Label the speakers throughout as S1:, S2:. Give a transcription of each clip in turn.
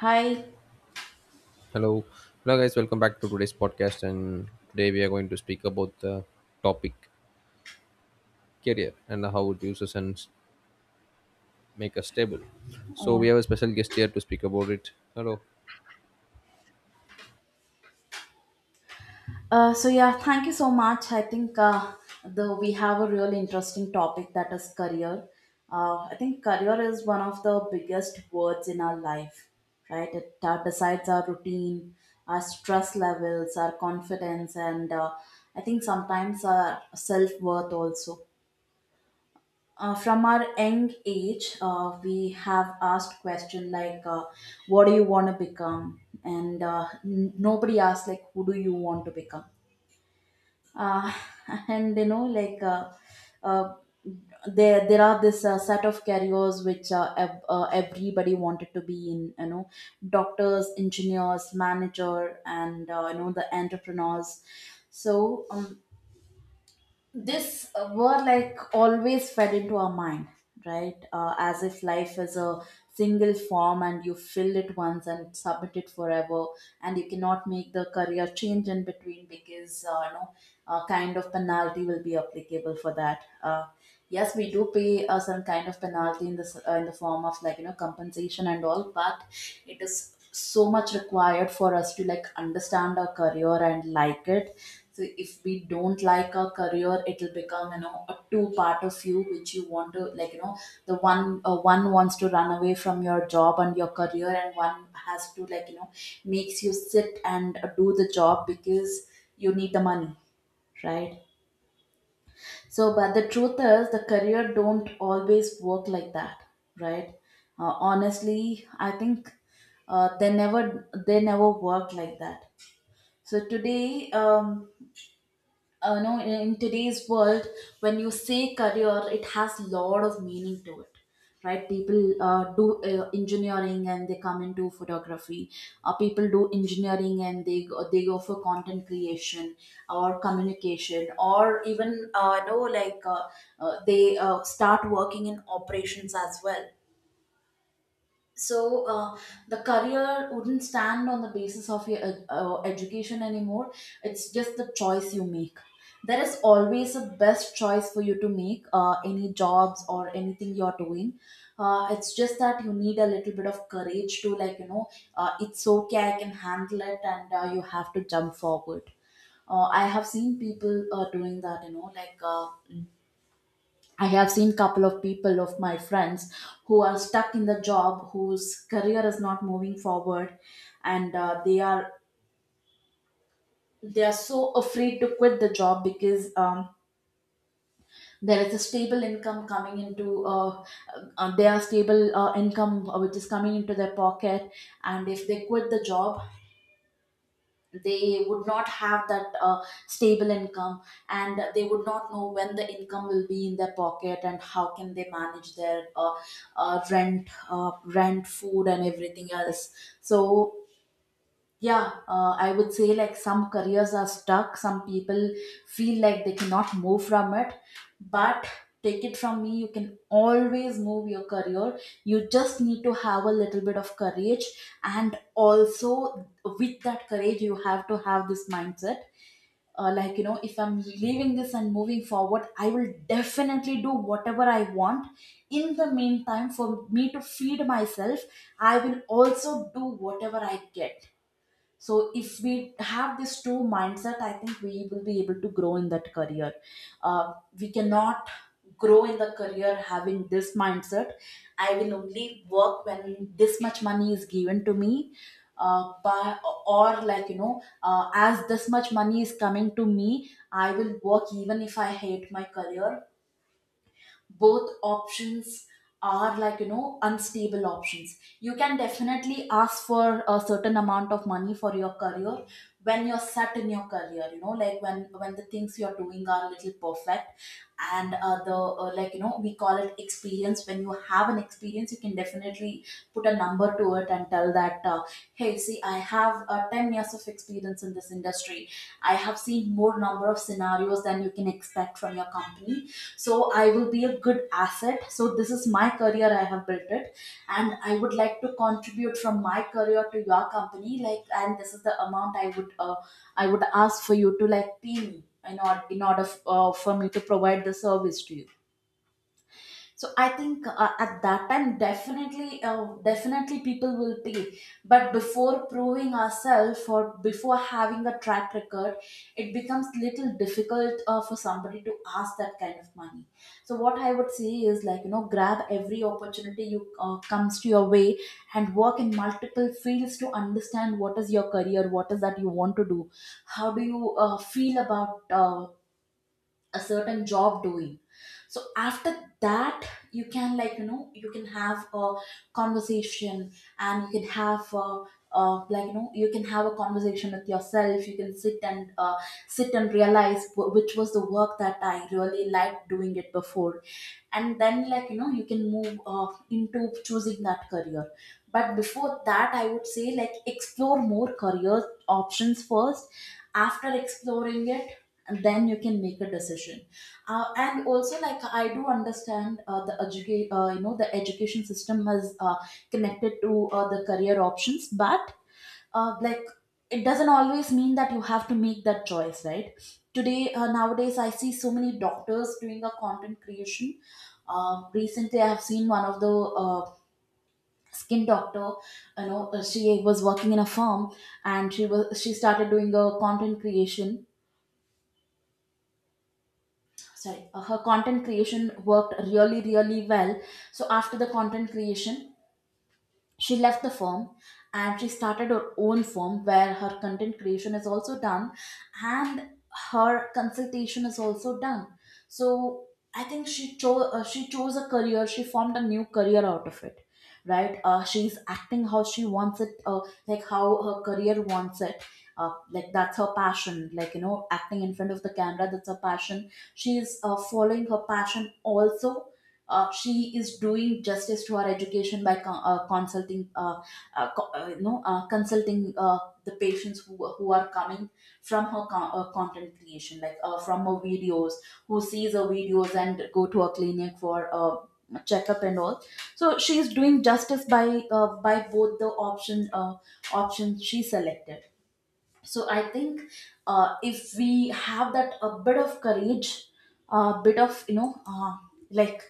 S1: Hi.
S2: Hello, hello guys. Welcome back to today's podcast. And today we are going to speak about the topic career and how it uses and make us stable. So we
S1: Yeah.
S2: have a special guest here to speak about it. Hello.
S1: So yeah, thank you so much. I think the we have a real interesting topic that is career. I think career is one of the biggest words in our life, right? It decides our routine, our stress levels, our confidence, and I think sometimes our self worth also. From our young age, we have asked question like, "What do you want to become?" And nobody asks like, "Who do you want to become?" Uh, and you know, like, uh, there are this set of careers which everybody wanted to be in. You know, doctors, engineers, manager, and you know the entrepreneurs. So this were like always fed into our mind, right, as if life is a single form and you fill it once and submit it forever, and you cannot make the career change in between because you know a kind of penalty will be applicable for that. Yes, we do pay some kind of penalty in the in the form of like you know compensation and all, but it is so much required for us to like understand our career and like it. So if we don't like our career, it'll become you know a two part of you which you want to like you know, the one wants to run away from your job and your career, and one has to like you know makes you sit and do the job because you need the money, right? So, but the truth is, the career don't always work like that, right? Honestly, I think they never work like that. So today, no! know In today's world, when you say career it has a lot of meaning to it, right? People do engineering and they come into photography. People do engineering and they they go for content creation or communication, or even they start working in operations as well. So the career wouldn't stand on the basis of your education anymore. It's just the choice you make. There is always a best choice for you to make any jobs or anything you're doing. It's just that you need a little bit of courage to like you know, it's okay, I can handle it, and you have to jump forward. I have seen people doing that, you know, like, I have seen couple of people of my friends who are stuck in the job whose career is not moving forward, and they are so afraid to quit the job because there is a stable income coming into their stable income which is coming into their pocket, and if they quit the job, they would not have that stable income, and they would not know when the income will be in their pocket and how can they manage their rent, food and everything else. So yeah, I would say like some careers are stuck. Some people feel like they cannot move from it. But take it from me, you can always move your career. You just need to have a little bit of courage. And also, with that courage, you have to have this mindset, like you know, if I'm leaving this and moving forward, I will definitely do whatever I want. In the meantime, for me to feed myself, I will also do whatever I get. So if we have this two mindset, I think we will be able to grow in that career. uh, we cannot grow in the career having this mindset, I will only work when this much money is given to me by or like you know, as this much money is coming to me I will work even if I hate my career. Both options are like you know unstable options. You can definitely ask for a certain amount of money for your career when you're set in your career, you know, like when the things you're doing are a little perfect, and the like you know we call it experience. When you have an experience you can definitely put a number to it and tell that hey, see, I have 10 years of experience in this industry. I have seen more number of scenarios than you can expect from your company, so I will be a good asset. So this is my career, I have built it, and I would like to contribute from my career to your company, like, and this is the amount I would I would ask for you to like pay me in order for me to provide the service to you. So I think at that time definitely definitely people will pay. But before proving ourselves or before having a track record, it becomes little difficult for somebody to ask that kind of money. So what I would say is like you know, grab every opportunity you comes to your way and work in multiple fields to understand what is your career, what is that you want to do, how do you feel about a certain job doing. So after that, you can like you know, you can have a conversation, and you can have a, like you know, you can have a conversation with yourself. You can sit and sit and realize which was the work that I really liked doing it before, and then like you know you can move into choosing that career. But before that, I would say like explore more career options first. After exploring it, then you can make a decision. And also, like I do understand you know, the education system is connected to the career options, but uh, like it doesn't always mean that you have to make that choice, right? Today, nowadays, I see so many doctors doing a content creation. Recently, I have seen one of the skin doctor, you know, she was working in a firm, and she started doing a content creation. Sorry, her content creation worked really really well. So after the content creation, she left the firm, and she started her own firm where her content creation is also done and her consultation is also done. So I think she chose a career. She formed a new career out of it, right? She's acting how she wants it, like how her career wants it. Like, that's her passion. Like you know, acting in front of the camera, that's her passion. She's following her passion also. She is doing justice to her education by consulting consulting the patients who are coming from her content creation, like, from her videos, who sees her videos and go to a clinic for a checkup and all. So she is doing justice by both the options she selected. So I think if we have that a bit of courage, a bit of you know like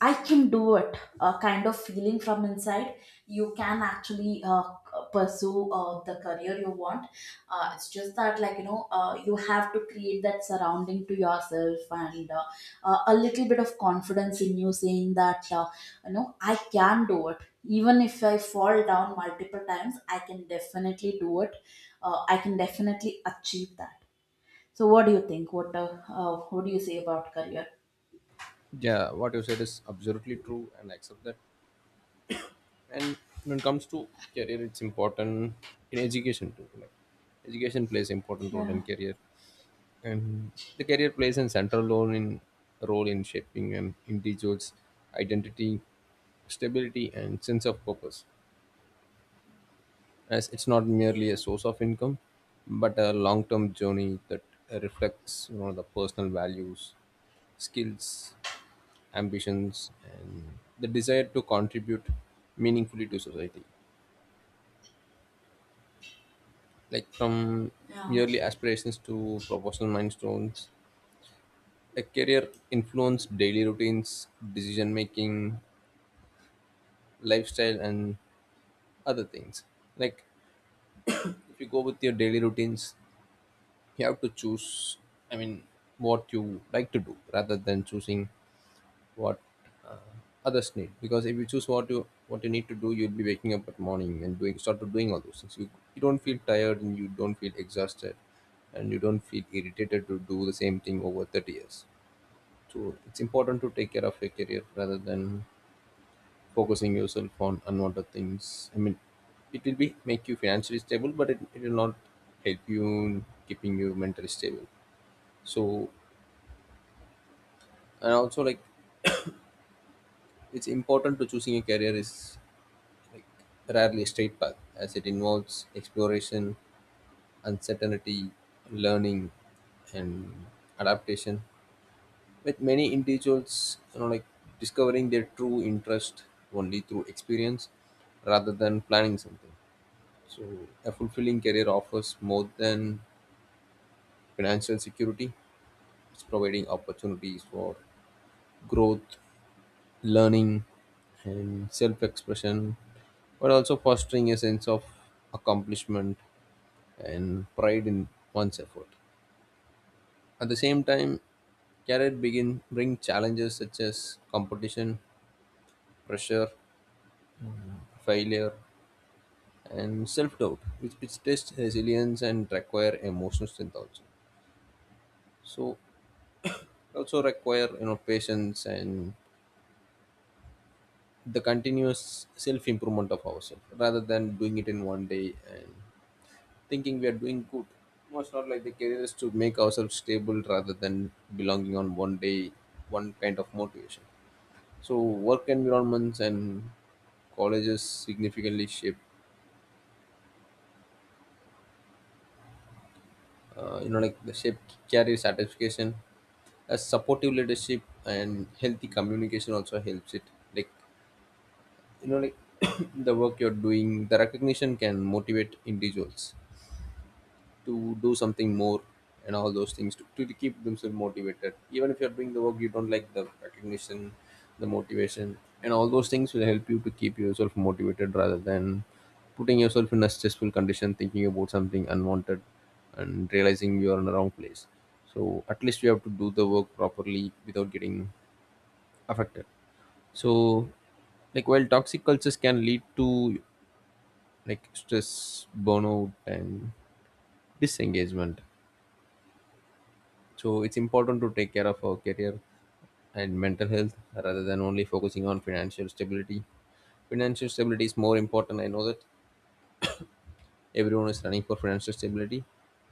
S1: I can do it, a kind of feeling from inside. You can actually pursue the career you want. It's just that, like, you know, you have to create that surrounding to yourself and a little bit of confidence in you saying that, you know, I can do it. Even if I fall down multiple times, I can definitely do it. I can definitely achieve that. So, what do you think? What do you say about career?
S2: Yeah, what you said is absolutely true, and I accept that. And when it comes to career, it's important in education too. Like education plays important role
S1: Yeah.
S2: in career, and the career plays a central role in shaping an individual's identity, stability, and sense of purpose, as it's not
S1: Yeah.
S2: merely a source of income but a long-term journey that reflects the personal values, skills, ambitions, and the desire to contribute meaningfully to society, like from
S1: Yeah.
S2: merely aspirations to professional milestones. A career influenced daily routines, decision making, lifestyle, and other things. Like, if you go with your daily routines, you have to choose, I mean, what you like to do rather than choosing what uh, others need. Because if you choose what you need to do, you'll be waking up at morning and doing start to doing all those things. You don't feel tired, and you don't feel exhausted, and you don't feel irritated to do the same thing over 30 years. So it's important to take care of your career rather than focusing yourself on unwanted things. I mean, it will be make you financially stable, but it will not help you in keeping you mentally stable. So, and also, like, it's important to choosing a career is, like, rarely a straight path, as it involves exploration, uncertainty, learning, and adaptation, with many individuals, like, discovering their true interest only through experience rather than planning something. So a fulfilling career offers more than financial security. It's providing opportunities for growth, learning, and self expression, but also fostering a sense of accomplishment and pride in one's effort. At the same time, career begin bring challenges such as competition, pressure, failure, and self doubt, which test resilience and require emotional strength also. So also require patience and the continuous self improvement of ourselves rather than doing it in one day and thinking we are doing good. No, it's not like the career is to make ourselves stable rather than belonging on one day, one kind of motivation. So work environments and colleges significantly shape, you know, like the shape career satisfaction. As supportive leadership and healthy communication also helps it. Like like the work you're doing, the recognition can motivate individuals to do something more, and all those things to keep themselves motivated. Even if you're doing the work you don't like, the recognition, the motivation, and all those things will help you to keep yourself motivated rather than putting yourself in a stressful condition thinking about something unwanted and realizing you are in the wrong place. So at least you have to do the work properly without getting affected. So, like, while toxic cultures can lead to, like, stress, burnout, and disengagement. So it's important to take care of our career and mental health rather than only focusing on financial stability. Financial stability is more important. I know that everyone is running for financial stability,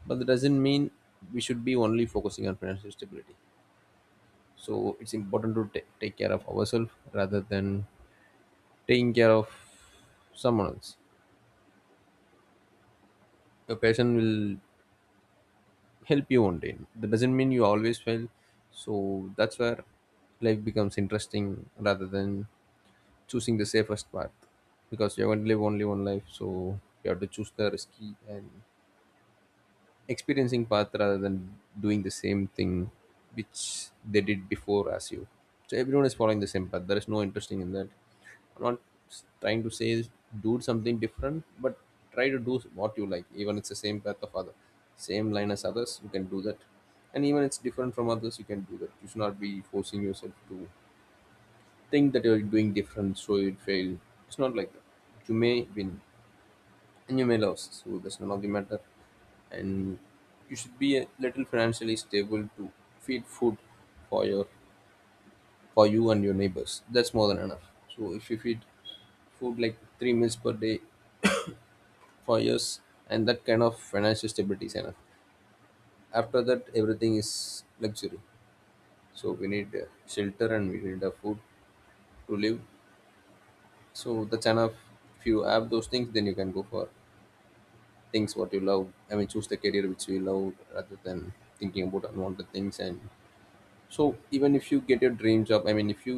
S2: but that doesn't mean we should be only focusing on financial stability. So it's important to take care of ourselves rather than taking care of someone else. Your passion will help you one day. That doesn't mean you always fail. So that's where life becomes interesting rather than choosing the safest path, because you're going to live only one life, so you have to choose the risky and experiencing path rather than doing the same thing which they did before as you. So everyone is following the same path. There is no interesting in that. I'm not trying to say is do something different, but try to do what you like. Even it's the same path of other, same line as others, you can do that. And even it's different from others, you can do that. You should not be forcing yourself to think that you're doing different, so you'll fail. It's not like that. You may win and you may lose, so that's none of the matter. And you should be a little financially stable to feed food for your for you and your neighbors. That's more than enough. So if you feed food like three meals per day for years, and that kind of financial stability is enough. After that, everything is luxury. So we need shelter and we need a food to live. So that's enough. If you have those things, then you can go for things what you love. I mean, choose the career which you love rather than thinking about unwanted things. And so even if you get your dream job, I mean if you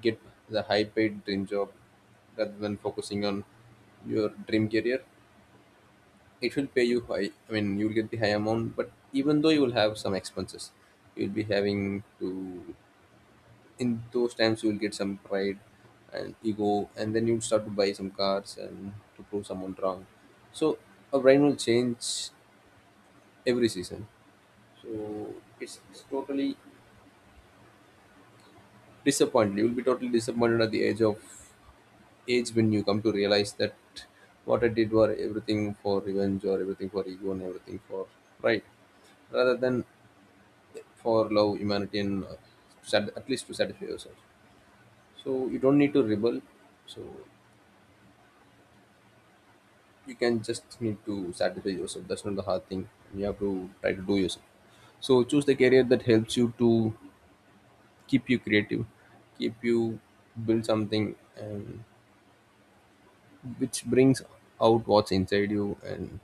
S2: get the high paid dream job rather than focusing on your dream career, it will pay you high. I mean, you'll get the high amount, but even though you will have some expenses. You'll be having to, in those times you will get some pride and ego, and then you'll start to buy some cars and to prove someone wrong. So a brain will change every season. So it's totally disappointed. You will be totally disappointed at the age when you come to realize that what I did were everything for revenge, or everything for ego, and everything for pride, rather than for love, humanity, and at least to satisfy yourself. So you don't need to rebel. So you can just need to satisfy yourself. That's not the hard thing. You have to try to do yourself. So choose the career that helps you to keep you creative, keep you build something, and which brings out what's inside you, and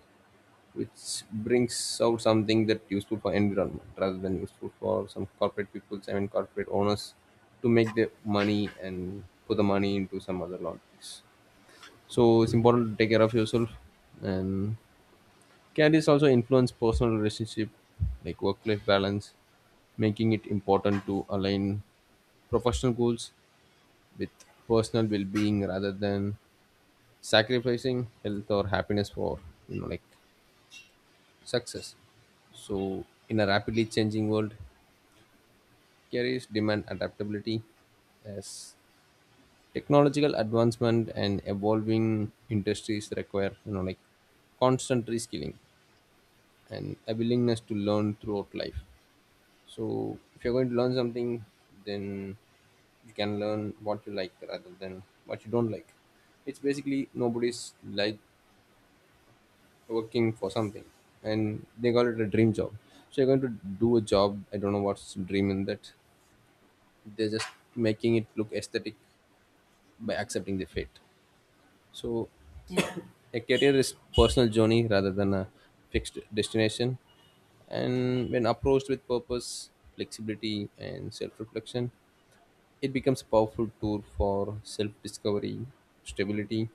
S2: which brings out something that useful for environment rather than useful for some corporate people, I mean corporate owners, to make their money and put the money into some other laundries. So it's important to take care of yourself. And can this also influence personal relationship, like work-life balance, making it important to align professional goals with personal well-being rather than sacrificing health or happiness for like success. So in a rapidly changing world, careers demand adaptability, as technological advancement and evolving industries require like constant reskilling and a willingness to learn throughout life. So if you're going to learn something, then you can learn what you like rather than what you don't like. It's basically nobody's like working for something and they call it a dream job. So you're going to do a job. I don't know what's dream in that. They're just making it look aesthetic by accepting the fate. So
S1: Yeah,
S2: a career is personal journey rather than a fixed destination, and when approached with purpose, flexibility, and self-reflection, it becomes a powerful tool for self-discovery, stability,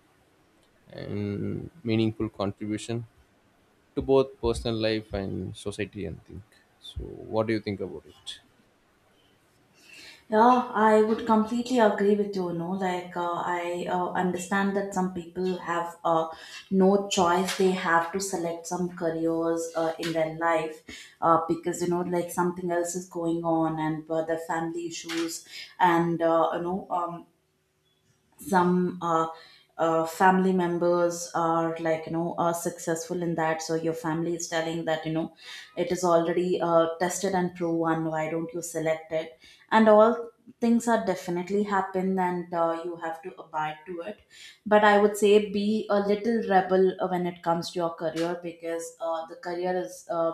S2: and meaningful contribution to both personal life and society, and think. So what do you think about it?
S1: yeah, I would completely agree with you. No, like I understand that some people have no choice; they have to select some careers in their life because you know, like something else is going on, and the family issues, and some family members are like you know are successful in that, so your family is telling that you know it is already tested and proven, why don't you select it and all. Things are definitely happen, and you have to abide to it. But I would say be a little rebel when it comes to your career, because the career is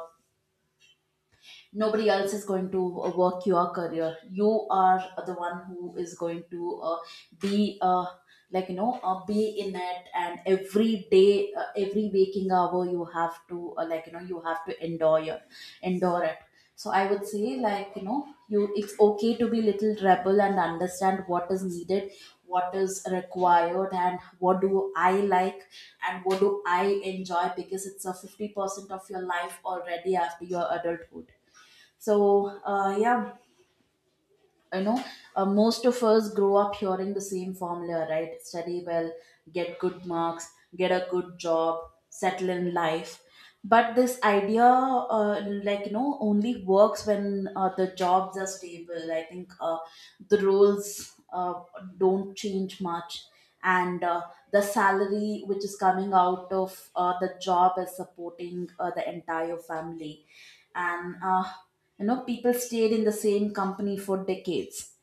S1: nobody else is going to work your career. You are the one who is going to be like you know be in it, and every day every waking hour you have to like you know you have to endure it. So I would say like you know you, it's okay to be little rebel and understand what is needed, what is required, and what do I like and what do I enjoy, because it's a 50% of your life already after your adulthood. So yeah, you know, most of us grow up hearing the same formula, right? Study well, get good marks, get a good job, settle in life. But this idea, like you know, only works when the jobs are stable. I think the roles don't change much, and the salary which is coming out of the job is supporting the entire family, and you know, people stayed in the same company for decades.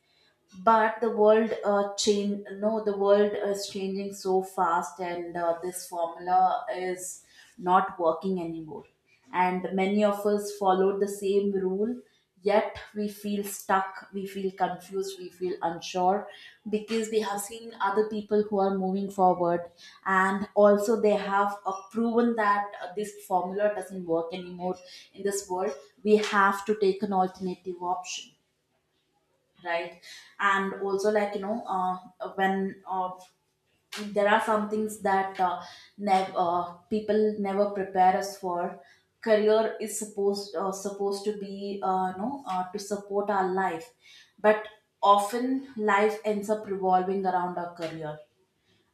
S1: But the world change, no, the world is changing so fast, and this formula is not working anymore. And many of us followed the same rule, yet we feel stuck, we feel confused, we feel unsure, because we have seen other people who are moving forward, and also they have proven that this formula doesn't work anymore in this world. We have to take an alternative option, right? And also like you know when there are some things that people never prepare us for. Career is supposed to be you know to support our life, but often life ends up revolving around our career,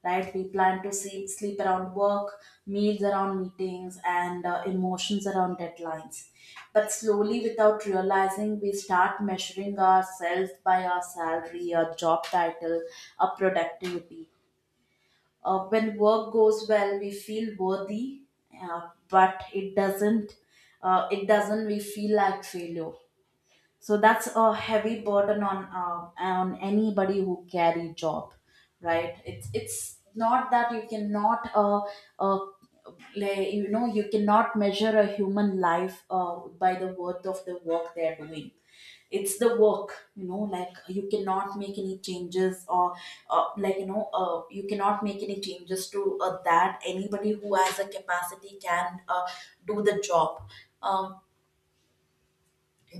S1: right? We plan to sleep around work, meals around meetings, and emotions around deadlines. But slowly, without realizing, we start measuring ourselves by our salary, our job title, our productivity. When work goes well, we feel worthy, but it doesn't. It doesn't. We feel like failure. So that's a heavy burden on anybody who carry job, right? It's not that you cannot uh, like, you know, you cannot measure a human life by the worth of the work they are doing. It's the work, you know, like you cannot make any changes or like you know you cannot make any changes to that. Anybody who has a capacity can do the job. um,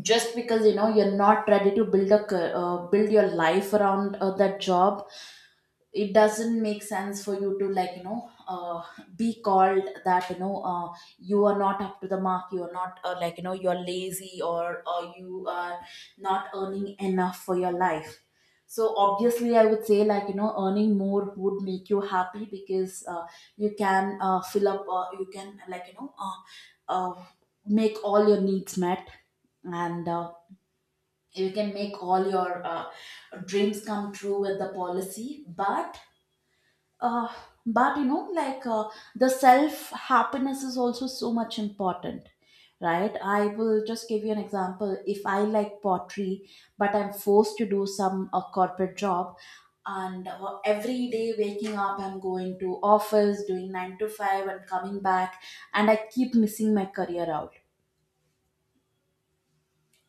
S1: just because you know you're not ready to build your life around that job, it doesn't make sense for you to like you know be called that you know you are not up to the mark, you are not like you know you're lazy, or you are not earning enough for your life. So obviously I would say like you know earning more would make you happy, because you can fill up you can like you know uh, make all your needs met, and you can make all your dreams come true with the policy. But uh, but you know like the self happiness is also so much important, right? I will just give you an example. If I like pottery but I'm forced to do some a corporate job, and every day waking up I'm going to office doing 9 to 5 and coming back, and I keep missing my career out,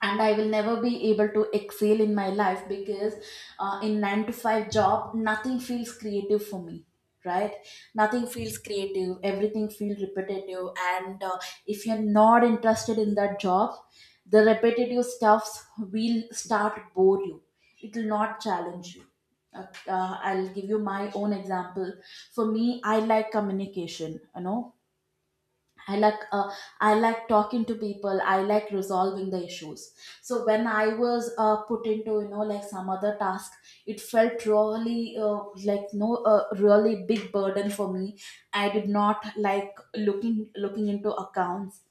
S1: and I will never be able to excel in my life, because in 9 to 5 job nothing feels creative for me, right? Nothing feels creative, everything feels repetitive, and if you're not interested in that job, the repetitive stuffs will start bore you, it will not challenge you. uh, I'll give you my own example. For me, I like communication, you know, I like uh, I like talking to people. I like resolving the issues. So when I was put into you know like some other task, it felt really like no really big burden for me. I did not like looking into accounts,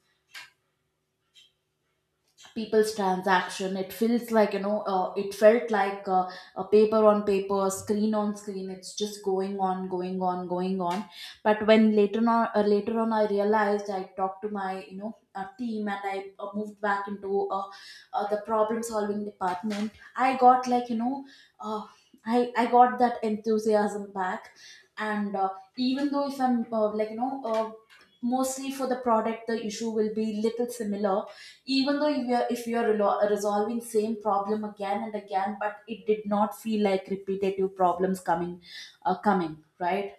S1: people's transaction, it feels like you know it felt like a paper on paper, screen on screen, it's just going on, going on, going on. But when later on later on I realized, I talked to my you know team, and I moved back into the problem solving department. I got like you know uh, I got that enthusiasm back. And even though if I'm like you know mostly for the product the issue will be little similar, even though if you're resolving same problem again and again, but it did not feel like repetitive problems coming coming, right?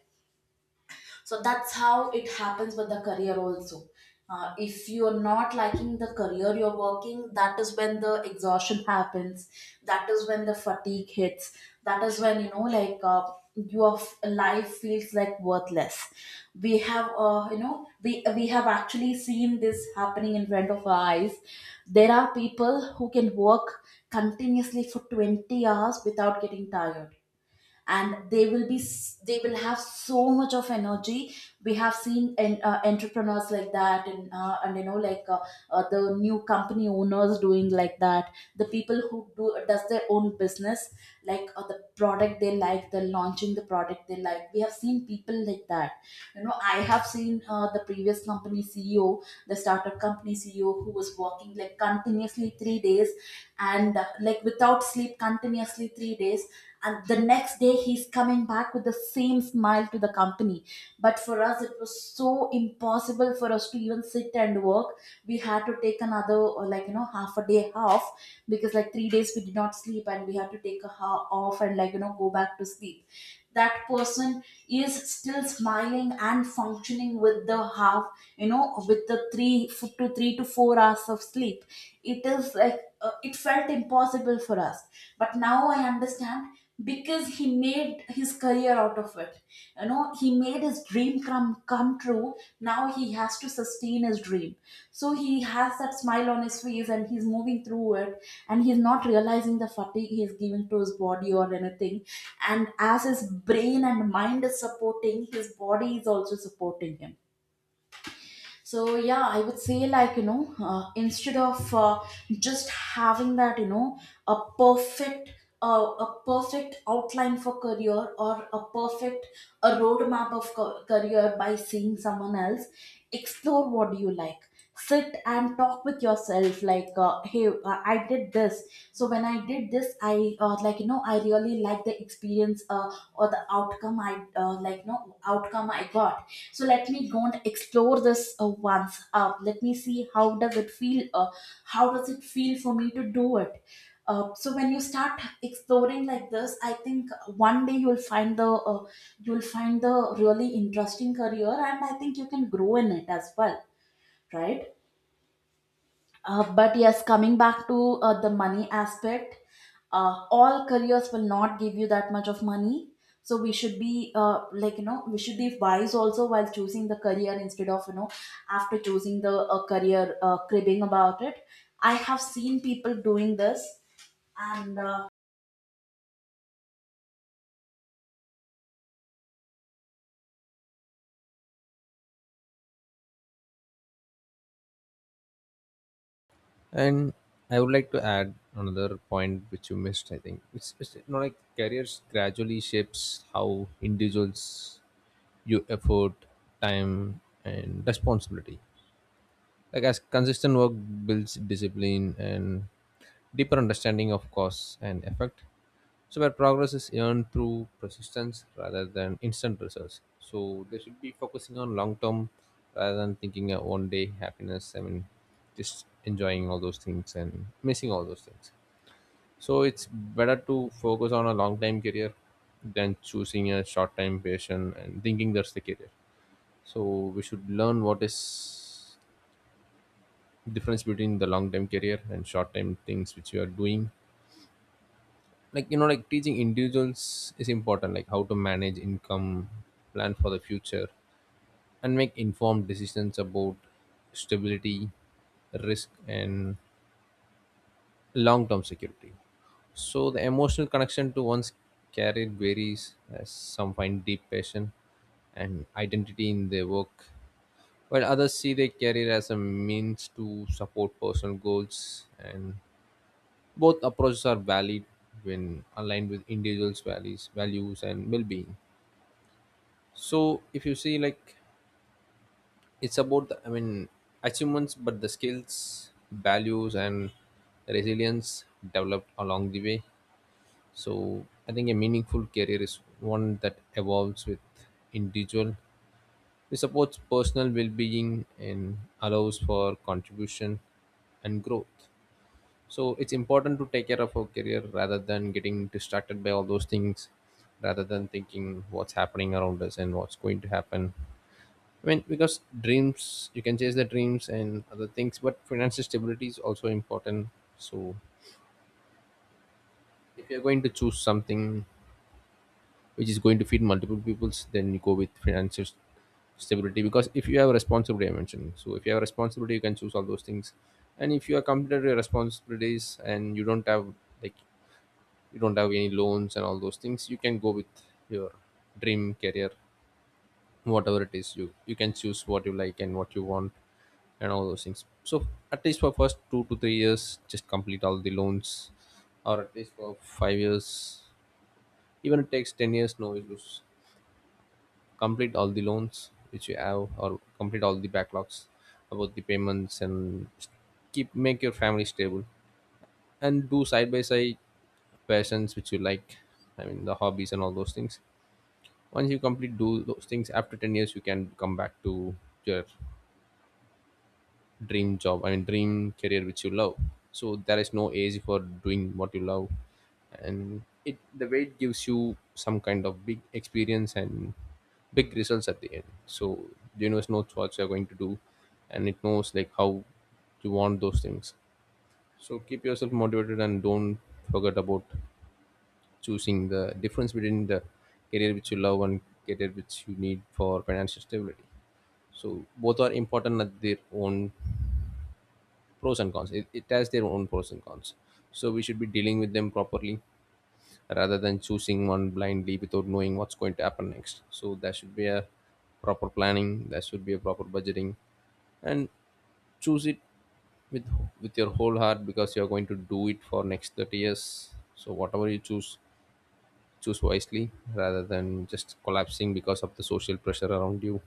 S1: So that's how it happens with the career also. If you're not liking the career you're working, that is when the exhaustion happens, that is when the fatigue hits, that is when you know like your life feels like worthless. We have you know we have actually seen this happening in front of our eyes. There are people who can work continuously for 20 hours without getting tired, and they will be they will have so much of energy. We have seen entrepreneurs like that, and you know like the new company owners doing like that, the people who do does their own business, like the product they like, the launching the product they like, we have seen people like that. You know, I have seen the previous company ceo, the startup company ceo who was working like continuously 3 days, and like without sleep continuously 3 days, and the next day he's coming back with the same smile to the company. But for us it was so impossible for us to even sit and work. We had to take another, or like you know, half a day off, because like 3 days we did not sleep, and we had to take a half off, and like you know go back to sleep. That person is still smiling and functioning with the half, you know, with the 3 to 4 hours of sleep. It is like it felt impossible for us. But now I understand, because he made his career out of it. You know, he made his dream come true. Now he has to sustain his dream, so he has that smile on his face and he's moving through it, and he's not realizing the fatigue he is giving to his body or anything. And as his brain and mind is supporting, his body is also supporting him. So yeah, I would say like you know instead of just having that you know a perfect a perfect outline for career, or a roadmap of career by seeing someone else. Explore what do you like, sit and talk with yourself like hey, I did this. So when I did this, I like you know I really like the experience or the outcome, I like no outcome I got, so let me go and explore this once, let me see how does it feel, how does it feel for me to do it. So when you start exploring like this, I think one day you'll find the really interesting career, and I think you can grow in it as well, right? But yes, coming back to the money aspect, all careers will not give you that much of money. So we should be like you know we should be wise also while choosing the career, instead of you know after choosing the career cribbing about it. I have seen people doing this, and
S2: And I would like to add another point which you missed. I think it's you. Like careers gradually shapes how individuals view effort, time, and responsibility, like as consistent work builds discipline and deeper understanding of cause and effect. So where progress is earned through persistence rather than instant results, so they should be focusing on long term rather than thinking of one day happiness, I mean just enjoying all those things and missing all those things. So it's better to focus on a long time career than choosing a short time passion and thinking that's the career. So we should learn what is difference between the long term career and short term things which you are doing. Like like teaching individuals is important, like how to manage income, plan for the future, and make informed decisions about stability, risk, and long term security. So the emotional connection to one's career varies, as some find deep passion and identity in their work, while others see their career as a means to support personal goals. And both approaches are valid when aligned with individuals' values and well-being. So if you see, like, it's about the, I mean achievements, but the skills, values, and resilience developed along the way. So I think a meaningful career is one that evolves with individual. It supports personal well-being and allows for contribution and growth. So it's important to take care of our career rather than getting distracted by all those things, rather than thinking what's happening around us and what's going to happen. I mean, because dreams, you can chase the dreams and other things, but financial stability is also important. So if you're going to choose something which is going to feed multiple peoples, then you go with financial stability. Because if you have a responsibility, I mentioned, so if you have a responsibility, you can choose all those things. And if you are completed with your responsibilities and you don't have, like, you don't have any loans and all those things, you can go with your dream career, whatever it is. You can choose what you like and what you want and all those things. So at least for first 2 to 3 years, just complete all the loans. Or at least for 5 years, even it takes 10 years, no issues. Complete all the loans which you have or complete all the backlogs about the payments and keep make your family stable. And do side by side passions which you like, I mean the hobbies and all those things. Once you complete do those things, after 10 years you can come back to your dream job, I mean dream career which you love. So there is no age for doing what you love. And it the way it gives you some kind of big experience and big results at the end. So the universe knows what you're going to do, and it knows like how you want those things. So keep yourself motivated and don't forget about choosing the difference between the career which you love and career which you need for financial stability. So both are important at their own pros and cons. It has their own pros and cons. So we should be dealing with them properly rather than choosing one blindly without knowing what's going to happen next. So there should be a proper planning, there should be a proper budgeting, and choose it with with your whole heart because you're going to do it for next 30 years. So whatever you choose, choose wisely rather than just collapsing because of the social pressure around you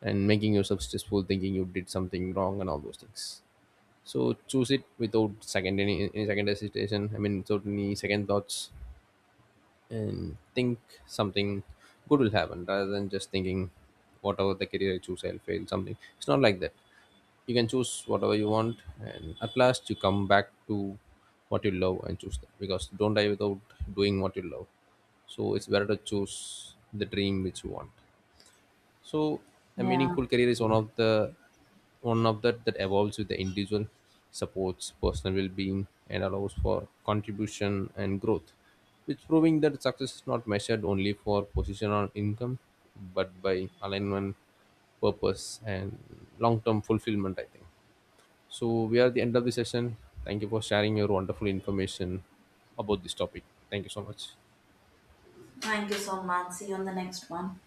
S2: and making yourself stressful thinking you did something wrong and all those things. So choose it without second any second hesitation, I mean without any second thoughts, and think something good will happen rather than just thinking whatever the career I choose I'll fail something. It's not like that. You can choose whatever you want, and at last you come back to what you love and choose that. Because don't die without doing what you love. So it's better to choose the dream which you want. So a
S1: yeah.
S2: meaningful career is one of the one of that that evolves with the individual, supports personal well-being, and allows for contribution and growth. It's proving that success is not measured only for position or income, but by alignment, purpose, and long-term fulfillment. I think. So we are at the end of the session. Thank you for sharing your wonderful information about this topic. Thank you so much.
S1: Thank you so much. See you on the next one.